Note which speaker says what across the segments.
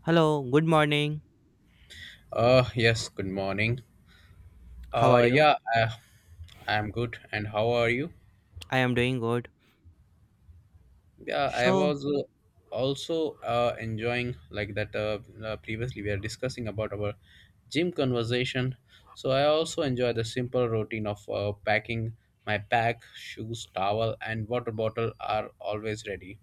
Speaker 1: Hello, good morning.
Speaker 2: Yes, good morning.
Speaker 1: How are
Speaker 2: Uh,
Speaker 1: you?
Speaker 2: yeah, uh, I'm good. And how are you?
Speaker 1: I am doing good.
Speaker 2: Yeah, I
Speaker 1: So,
Speaker 2: was also enjoying like that. Previously, we are discussing about our gym conversation. So I also enjoy the simple routine of packing my pack, shoes, towel, and water bottle are always ready.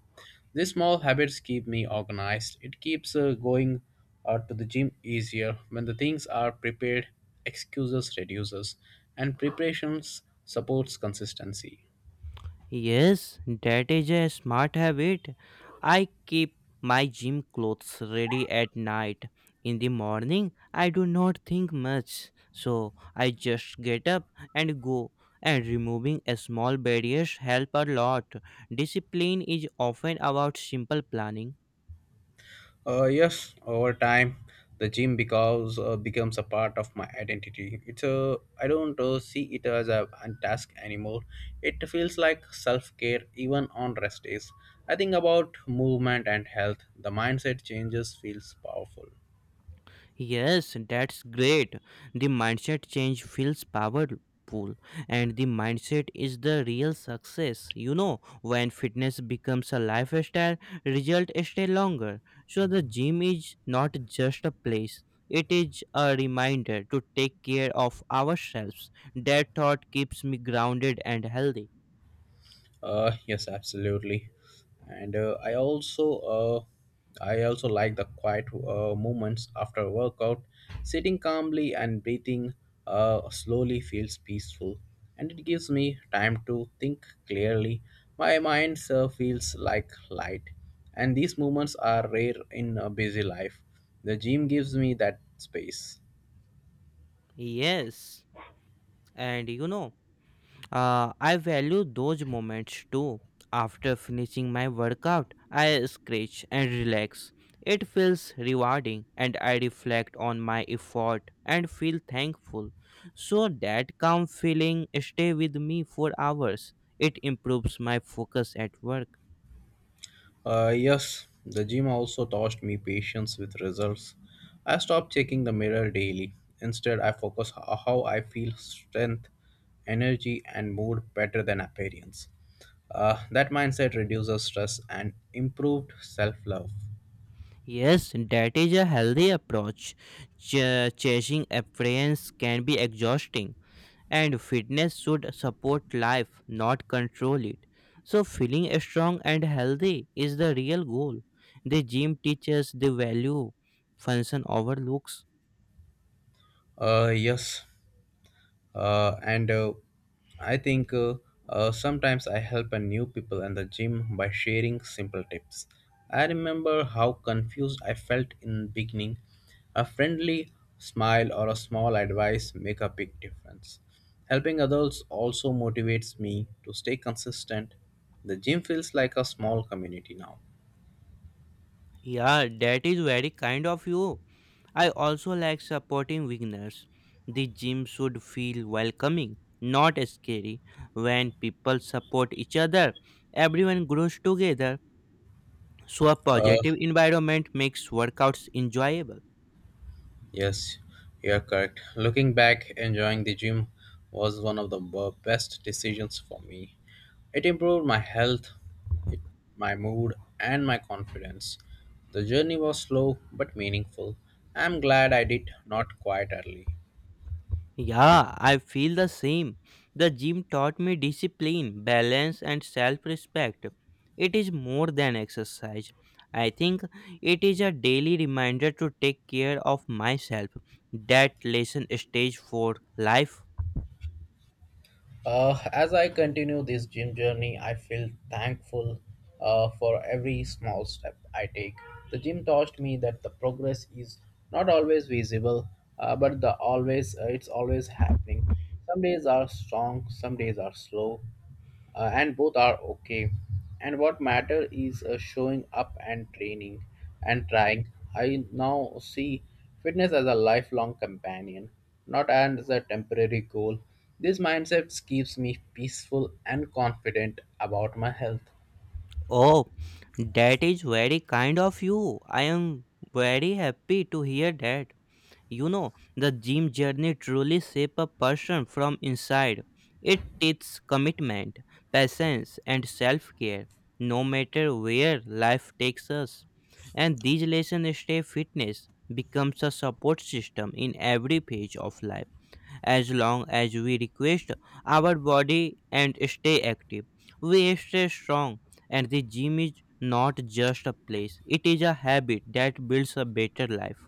Speaker 2: These small habits keep me organized. It keeps going out to the gym easier when the things are prepared. Excuses reduces, and preparations supports consistency.
Speaker 1: yes, that is a smart habit. I keep my gym clothes ready at night. In the morning, I do not think much. So, I just get up and go. And removing a small barriers help a lot. Discipline is often about simple planning.
Speaker 2: Yes, over time, the gym becomes a part of my identity. It's a I don't see it as a task anymore. It feels like self care even on rest days. I think about movement and health. The mindset changes feels powerful.
Speaker 1: Yes, that's great. The mindset change feels powerful, and the mindset is the real success. You know, when fitness becomes a lifestyle, results stay longer. So, the gym is not just a place, it is a reminder to take care of ourselves. That thought keeps me grounded and healthy.
Speaker 2: Yes, absolutely. And I also like the quiet moments after a workout. Sitting calmly and breathing slowly feels peaceful, and it gives me time to think clearly. My mind feels like light, and these moments are rare in a busy life. The gym gives me that space.
Speaker 1: Yes, and you know. I value those moments too. After finishing my workout, I stretch and relax. It feels rewarding, and I reflect on my effort and feel thankful. So that calm feeling stay with me for hours. It improves my focus at work.
Speaker 2: Yes, the gym also taught me patience with results. I stopped checking the mirror daily. Instead, I focus on how I feel strength, energy, and mood better than appearance. That mindset reduces stress and improved self love.
Speaker 1: Yes, that is a healthy approach. Chasing appearance can be exhausting, and fitness should support life, not control it. So, feeling strong and healthy is the real goal. The gym teaches the value function overlooks.
Speaker 2: Yes, and I think Sometimes I help a new people in the gym by sharing simple tips. I remember how confused I felt in beginning. A friendly smile or a small advice make a big difference. Helping others also motivates me to stay consistent. The gym feels like a small community now.
Speaker 1: Yeah, that is very kind of you. I also like supporting beginners. The gym should feel welcoming, not scary. When people support each other, everyone grows together. So, a
Speaker 2: uh,
Speaker 1: positive environment makes workouts enjoyable.
Speaker 2: Yes, you are correct. Looking back, enjoying the gym was one of the best decisions for me. It improved my health, it, my mood, and my confidence. The journey was slow but meaningful. I'm glad I did not quite early.
Speaker 1: Yeah, I feel the same. The gym taught me discipline, balance, and self respect. It is more than exercise. I think it is a daily reminder to take care of myself. That lesson stage for life.
Speaker 2: As I continue this gym journey, I feel thankful for every small step I take. The gym taught me that the progress is not always visible, but the always it's always happening. Some days are strong, some days are slow, and both are okay. And what matter is showing up and training and trying. I now see fitness as a lifelong companion, not as a temporary goal. This mindset keeps me peaceful and confident about my health.
Speaker 1: Oh, that is very kind of you. I am very happy to hear that. You know, the gym journey truly shape a person from inside. It teaches commitment, patience, and self-care, no matter where life takes us. And these lessons stay fitness becomes a support system in every phase of life. As long as we request our body and stay active, we stay strong. And the gym is not just a place; it is a habit that builds a better life.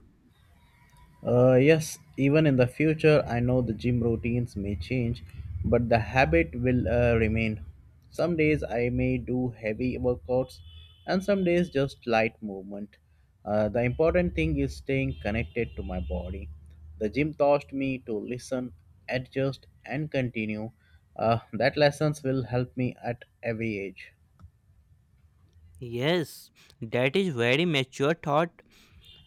Speaker 2: Yes, even in the future, I know the gym routines may change, but the habit will remain. Some days I may do heavy workouts, and some days just light movement. The important thing is staying connected to my body. The gym taught me to listen, adjust, and continue. That lessons will help me at every age.
Speaker 1: Yes, that is very mature thought.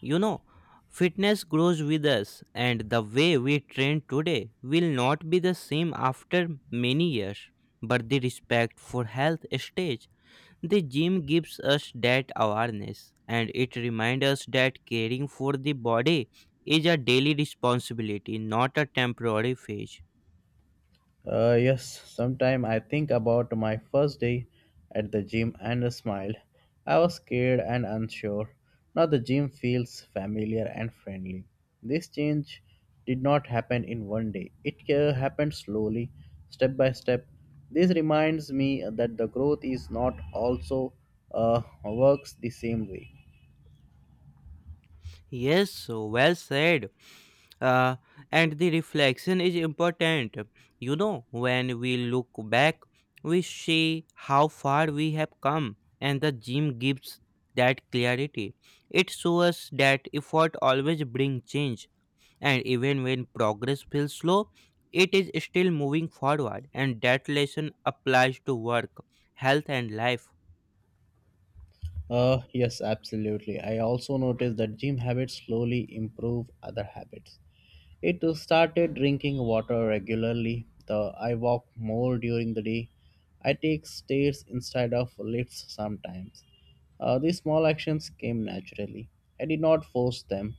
Speaker 1: You know, fitness grows with us, and the way we train today will not be the same after many years. But the respect for health stage, the gym gives us that awareness, and it reminds us that caring for the body is a daily responsibility, not a temporary phase.
Speaker 2: Yes, sometime I think about my first day at the gym and smile. I was scared and unsure. Now the gym feels familiar and friendly. This change did not happen in one day. It happened slowly, step by step. This reminds me that the growth is not also works the same way.
Speaker 1: Yes, so well said. uh, and the reflection is important. You know, when we look back, we see how far we have come, and the gym gives that clarity. It shows that effort always brings change, and even when progress feels slow, it is still moving forward. And that lesson applies to work, health and life.
Speaker 2: Yes, absolutely. I also noticed that gym habits slowly improve other habits. It started drinking water regularly. The I walk more during the day. I take stairs instead of lifts sometimes. These small actions came naturally. I did not force them.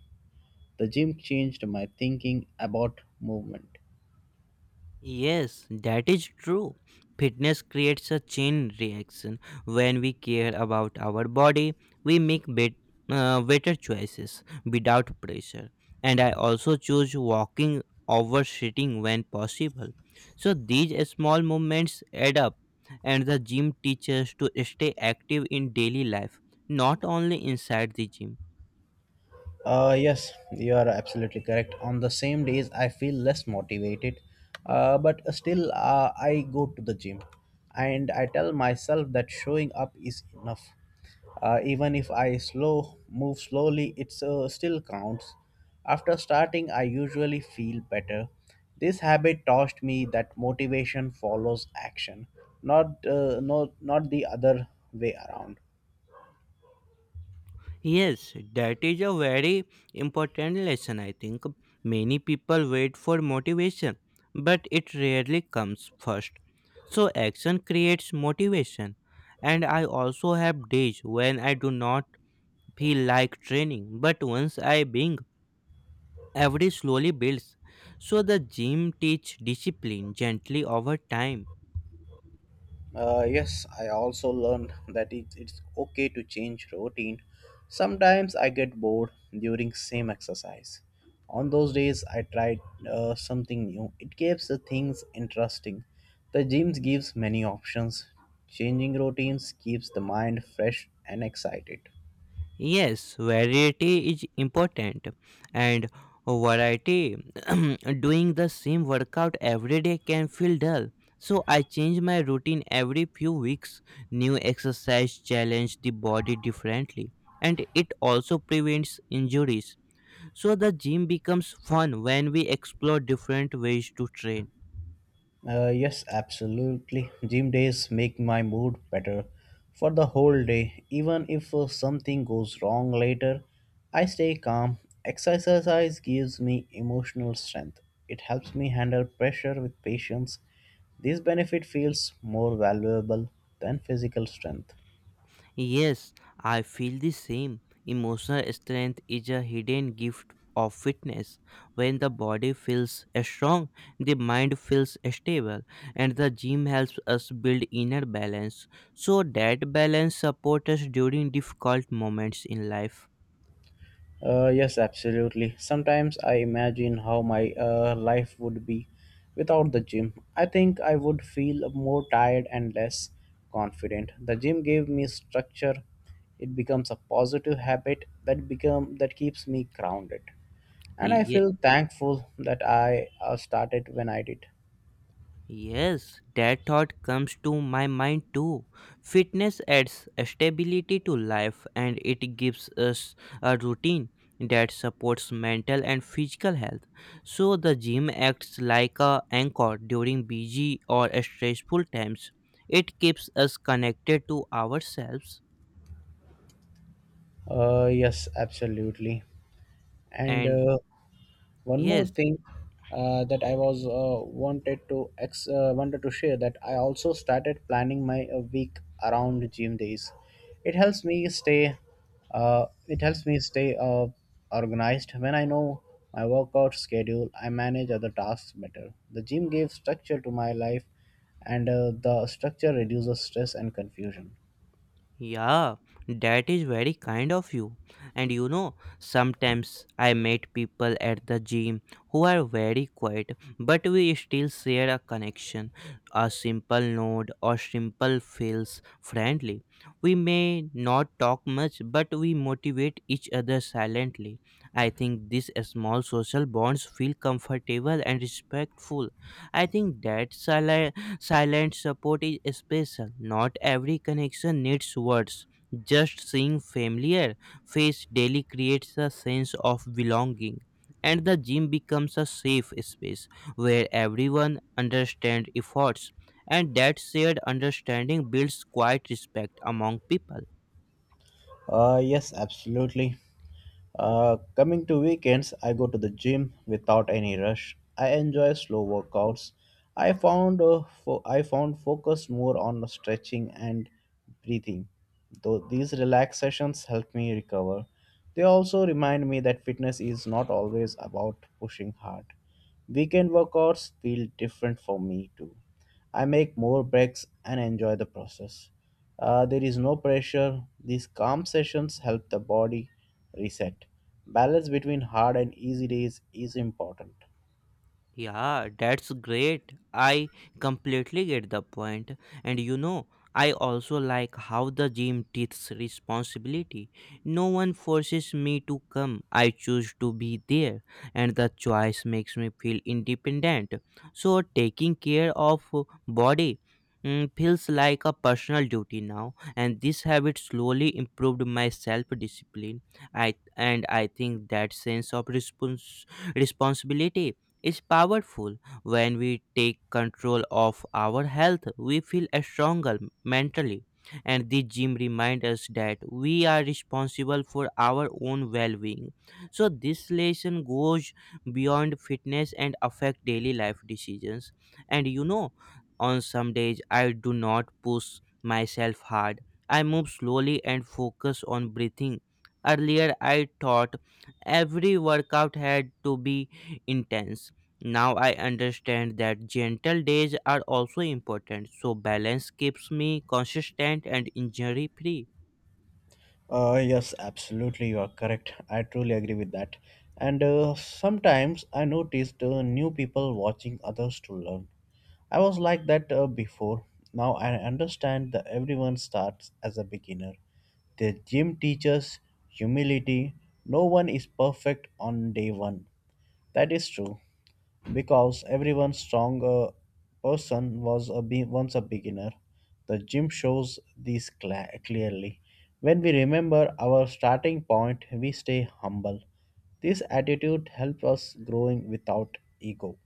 Speaker 2: The gym changed my thinking about movement.
Speaker 1: Yes, that is true. Fitness creates a chain reaction. When we care about our body, we make better choices without pressure. And I also choose walking over sitting when possible. So these small movements add up, and the gym teaches to stay active in daily life, not only inside the gym.
Speaker 2: Yes, you are absolutely correct. On the same days, I feel less motivated, but still, I go to the gym and I tell myself that showing up is enough. Even if I slow move slowly, it's still counts. After starting, I usually feel better. This habit taught me that motivation follows action, not the other way around.
Speaker 1: Yes, that is a very important lesson, I think. Many people wait for motivation, but it rarely comes first. So, action creates motivation. And I also have days when I do not feel like training, but once I begin, every slowly builds. So, the gym teach discipline gently over time.
Speaker 2: Yes, I also learned that it's okay to change routine. Sometimes I get bored during same exercise. On those days, I tried something new. It keeps the things interesting. The gym gives many options. Changing routines keeps the mind fresh and excited.
Speaker 1: Yes, variety is important, and variety doing the same workout every day can feel dull. So I change my routine every few weeks. New exercise challenge the body differently, and it also prevents injuries. So the gym becomes fun when we explore different ways to train.
Speaker 2: Yes, absolutely. Gym days make my mood better for the whole day. Even if something goes wrong later, I stay calm. Exercise gives me emotional strength. It helps me handle pressure with patience. This benefit feels more valuable than physical strength.
Speaker 1: Yes, I feel the same. Emotional strength is a hidden gift of fitness. When the body feels strong, the mind feels stable, and the gym helps us build inner balance. So that balance supports us during difficult moments in life.
Speaker 2: Yes, absolutely. Sometimes I imagine how my life would be without the gym. I think I would feel more tired and less confident. The gym gave me structure. It becomes a positive habit that keeps me grounded. And I feel thankful that I started when I did.
Speaker 1: Yes, that thought comes to my mind too. Fitness adds stability to life, and it gives us a routine that supports mental and physical health. So the gym acts like a anchor during busy or stressful times. It keeps us connected to ourselves
Speaker 2: Yes, absolutely. And
Speaker 1: and
Speaker 2: uh, one more
Speaker 1: yes,
Speaker 2: thing that I was wanted to ex- wanted to share that I also started planning my week around gym days. it helps me stay it helps me stay organized. When I know my workout schedule, I manage other tasks better. The gym gave structure to my life, and the structure reduces stress and confusion.
Speaker 1: yeah, that is very kind of you. And you know, sometimes I meet people at the gym who are very quiet, but we still share a connection. A simple nod or simple feels friendly. We may not talk much, but we motivate each other silently. I think these small social bonds feel comfortable and respectful. I think that silent support is special. Not every connection needs words. Just seeing familiar face daily creates a sense of belonging. And the gym becomes a safe space where everyone understands efforts, and that shared understanding builds quiet respect among people.
Speaker 2: Yes, absolutely. Coming to weekends, I go to the gym without any rush. I enjoy slow workouts. I found focus more on stretching and breathing. Though these relax sessions help me recover, they also remind me that fitness is not always about pushing hard. Weekend workouts feel different for me too. I make more breaks and enjoy the process. There is no pressure. These calm sessions help the body reset. Balance between hard and easy days is important.
Speaker 1: Yeah, that's great. I completely get the point. And you know, I also like how the gym takes responsibility. No one forces me to come. I choose to be there, and the choice makes me feel independent. So taking care of body feels like a personal duty now, and this habit slowly improved my self-discipline. I and I think that sense of responsibility is powerful. When we take control of our health, we feel stronger mentally. And the gym reminds us that we are responsible for our own well being. So, this lesson goes beyond fitness and affect daily life decisions. And you know, on some days, I do not push myself hard. I move slowly and focus on breathing. Earlier, I thought every workout had to be intense. Now I understand that gentle days are also important, so balance keeps me consistent and injury free.
Speaker 2: Yes, absolutely, you are correct. I truly agree with that. And sometimes I noticed new people watching others to learn. I was like that before. Now I understand that everyone starts as a beginner. The gym teaches humility. No one is perfect on day one. That is true because everyone strong person was a once a beginner. The gym shows these cla clearly. When we remember our starting point, we stay humble. This attitude helps us growing without ego.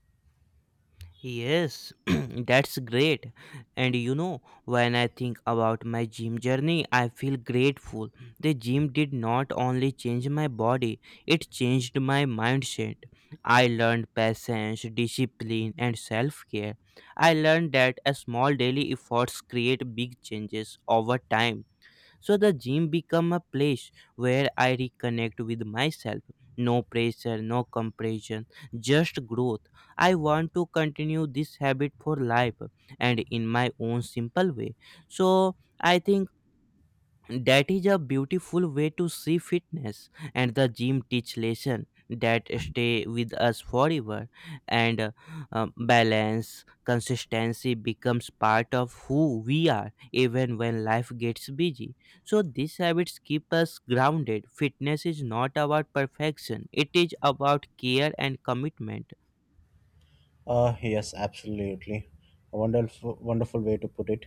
Speaker 1: Yes, that's great. And you know, when I think about my gym journey, I feel grateful. The gym did not only change my body, it changed my mindset. I learned patience, discipline, and self care. I learned that a small daily efforts create big changes over time. So the gym become a place where I reconnect with myself. No pressure, no compression, just growth. I want to continue this habit for life, and in my own simple way. So I think that is a beautiful way to see fitness, and the gym teach lesson that stay with us forever. And Balance consistency becomes part of who we are, even when life gets busy. So these habits keep us grounded. Fitness is not about perfection, it is about care and commitment.
Speaker 2: Yes, absolutely. A wonderful, wonderful way to put it.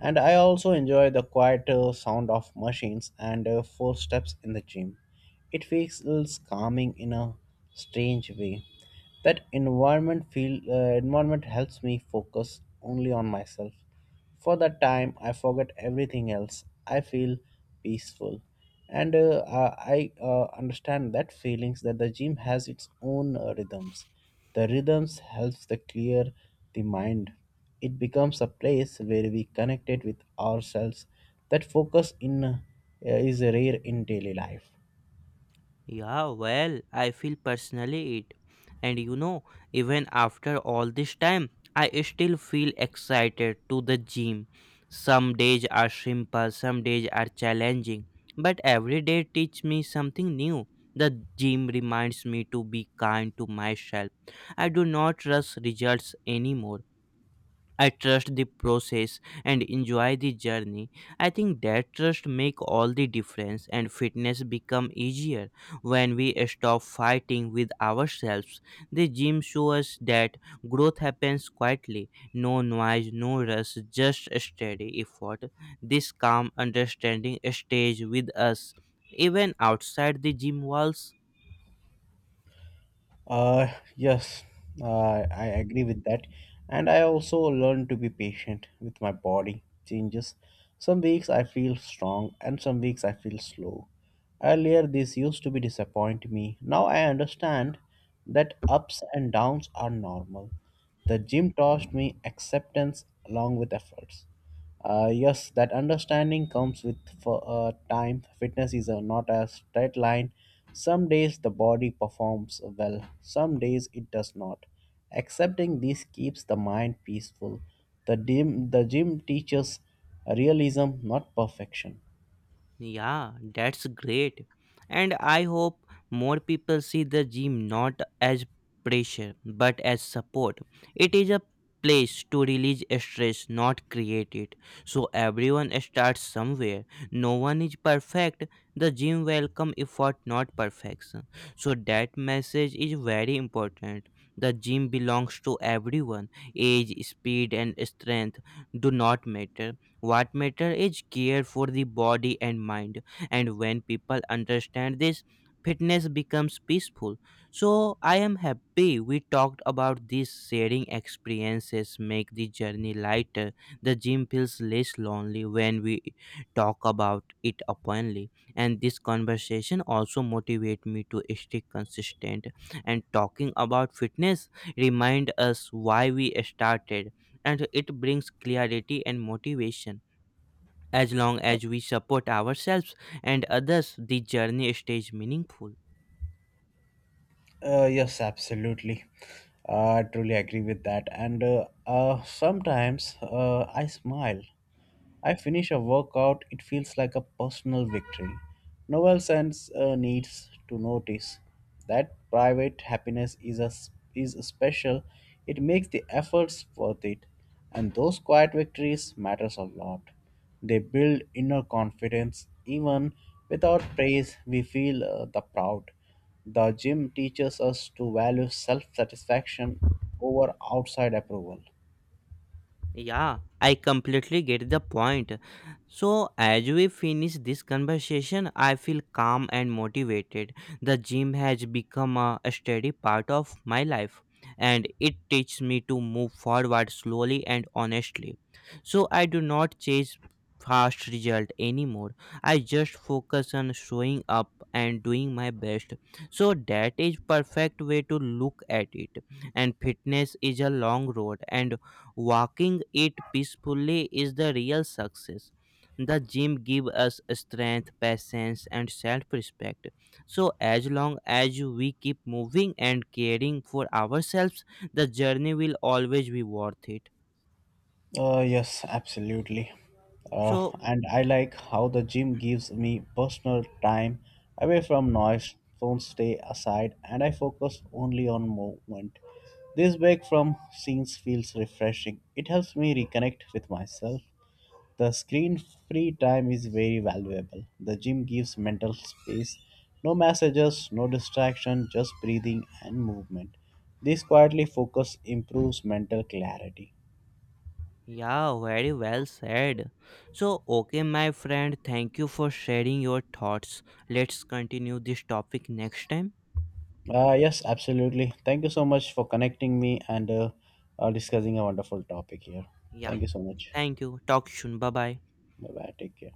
Speaker 2: And I also enjoy the quiet sound of machines and footsteps in the gym. It feels calming in a strange way. That environment helps me focus only on myself. For that time, I forget everything else. I feel peaceful. And I understand that feelings that the gym has its own rhythms. The rhythms helps to clear the mind. It becomes a place where we connected with ourselves. That focus in is rare in daily life.
Speaker 1: Yeah, well, I feel personally it. And you know, even after all this time, I still feel excited to the gym. Some days are simple, some days are challenging, but every day teach me something new. The gym reminds me to be kind to myself. I do not rush results anymore. I trust the process and enjoy the journey. I think that trust make all the difference, and fitness become easier when we stop fighting with ourselves. The gym shows us that growth happens quietly, no noise, no rush, just steady effort. This calm understanding stays with us even outside the gym walls.
Speaker 2: Uh, yes, I agree with that. And I also learned to be patient with my body changes. Some weeks I feel strong and some weeks I feel slow. Earlier, this used to be disappoint me. Now I understand that ups and downs are normal. The gym taught me acceptance along with efforts. Yes, that understanding comes with time. Fitness is not a straight line. Some days the body performs well, some days it does not. Accepting this keeps the mind peaceful. The gym teaches realism, not perfection.
Speaker 1: Yeah, that's great. And I hope more people see the gym not as pressure but as support. It is a place to release stress, not create it. So everyone starts somewhere. No one is perfect. The gym welcome effort, not perfection. So that message is very important. The gym belongs to everyone. Age, speed, and strength do not matter. What matter is care for the body and mind. And when people understand this, fitness becomes peaceful. So I am happy we talked about this. Sharing experiences make the journey lighter. The gym feels less lonely when we talk about it openly. And this conversation also motivate me to stay consistent. And talking about fitness remind us why we started, and it brings clarity and motivation. As long as we support ourselves and others, the journey stays meaningful.
Speaker 2: Yes, absolutely. I truly agree with that. And sometimes I smile. I finish a workout, it feels like a personal victory. No one sense needs to notice that private happiness is special. It makes the efforts worth it. And those quiet victories matters a lot. They build inner confidence. Even without praise, we feel the proud. The gym teaches us to value self satisfaction over outside approval.
Speaker 1: Yeah, I completely get the point. So, as we finish this conversation, I feel calm and motivated. The gym has become a steady part of my life, and it teaches me to move forward slowly and honestly. So, I do not chase fast result anymore. I just focus on showing up and doing my best. So, that is perfect way to look at it. And fitness is a long road, and walking it peacefully is the real success. The gym gives us strength, patience, and self respect. So, as long as we keep moving and caring for ourselves, the journey will always be worth it.
Speaker 2: Yes, absolutely.
Speaker 1: So,
Speaker 2: And I like how the gym gives me personal time away from noise, phones stay aside, and I focus only on movement. This break from scenes feels refreshing. It helps me reconnect with myself. The screen free time is very valuable. The gym gives mental space. No messages, no distraction, just breathing and movement. This quietly focus improves mental clarity.
Speaker 1: yeah, very well said. So, okay, my friend, thank you for sharing your thoughts. Let's continue this topic next time.
Speaker 2: Yes, absolutely. Thank you so much for connecting me and discussing a wonderful topic here.
Speaker 1: Yeah,
Speaker 2: Thank you so much.
Speaker 1: thank you. Talk soon. Bye bye.
Speaker 2: Bye bye. Take care.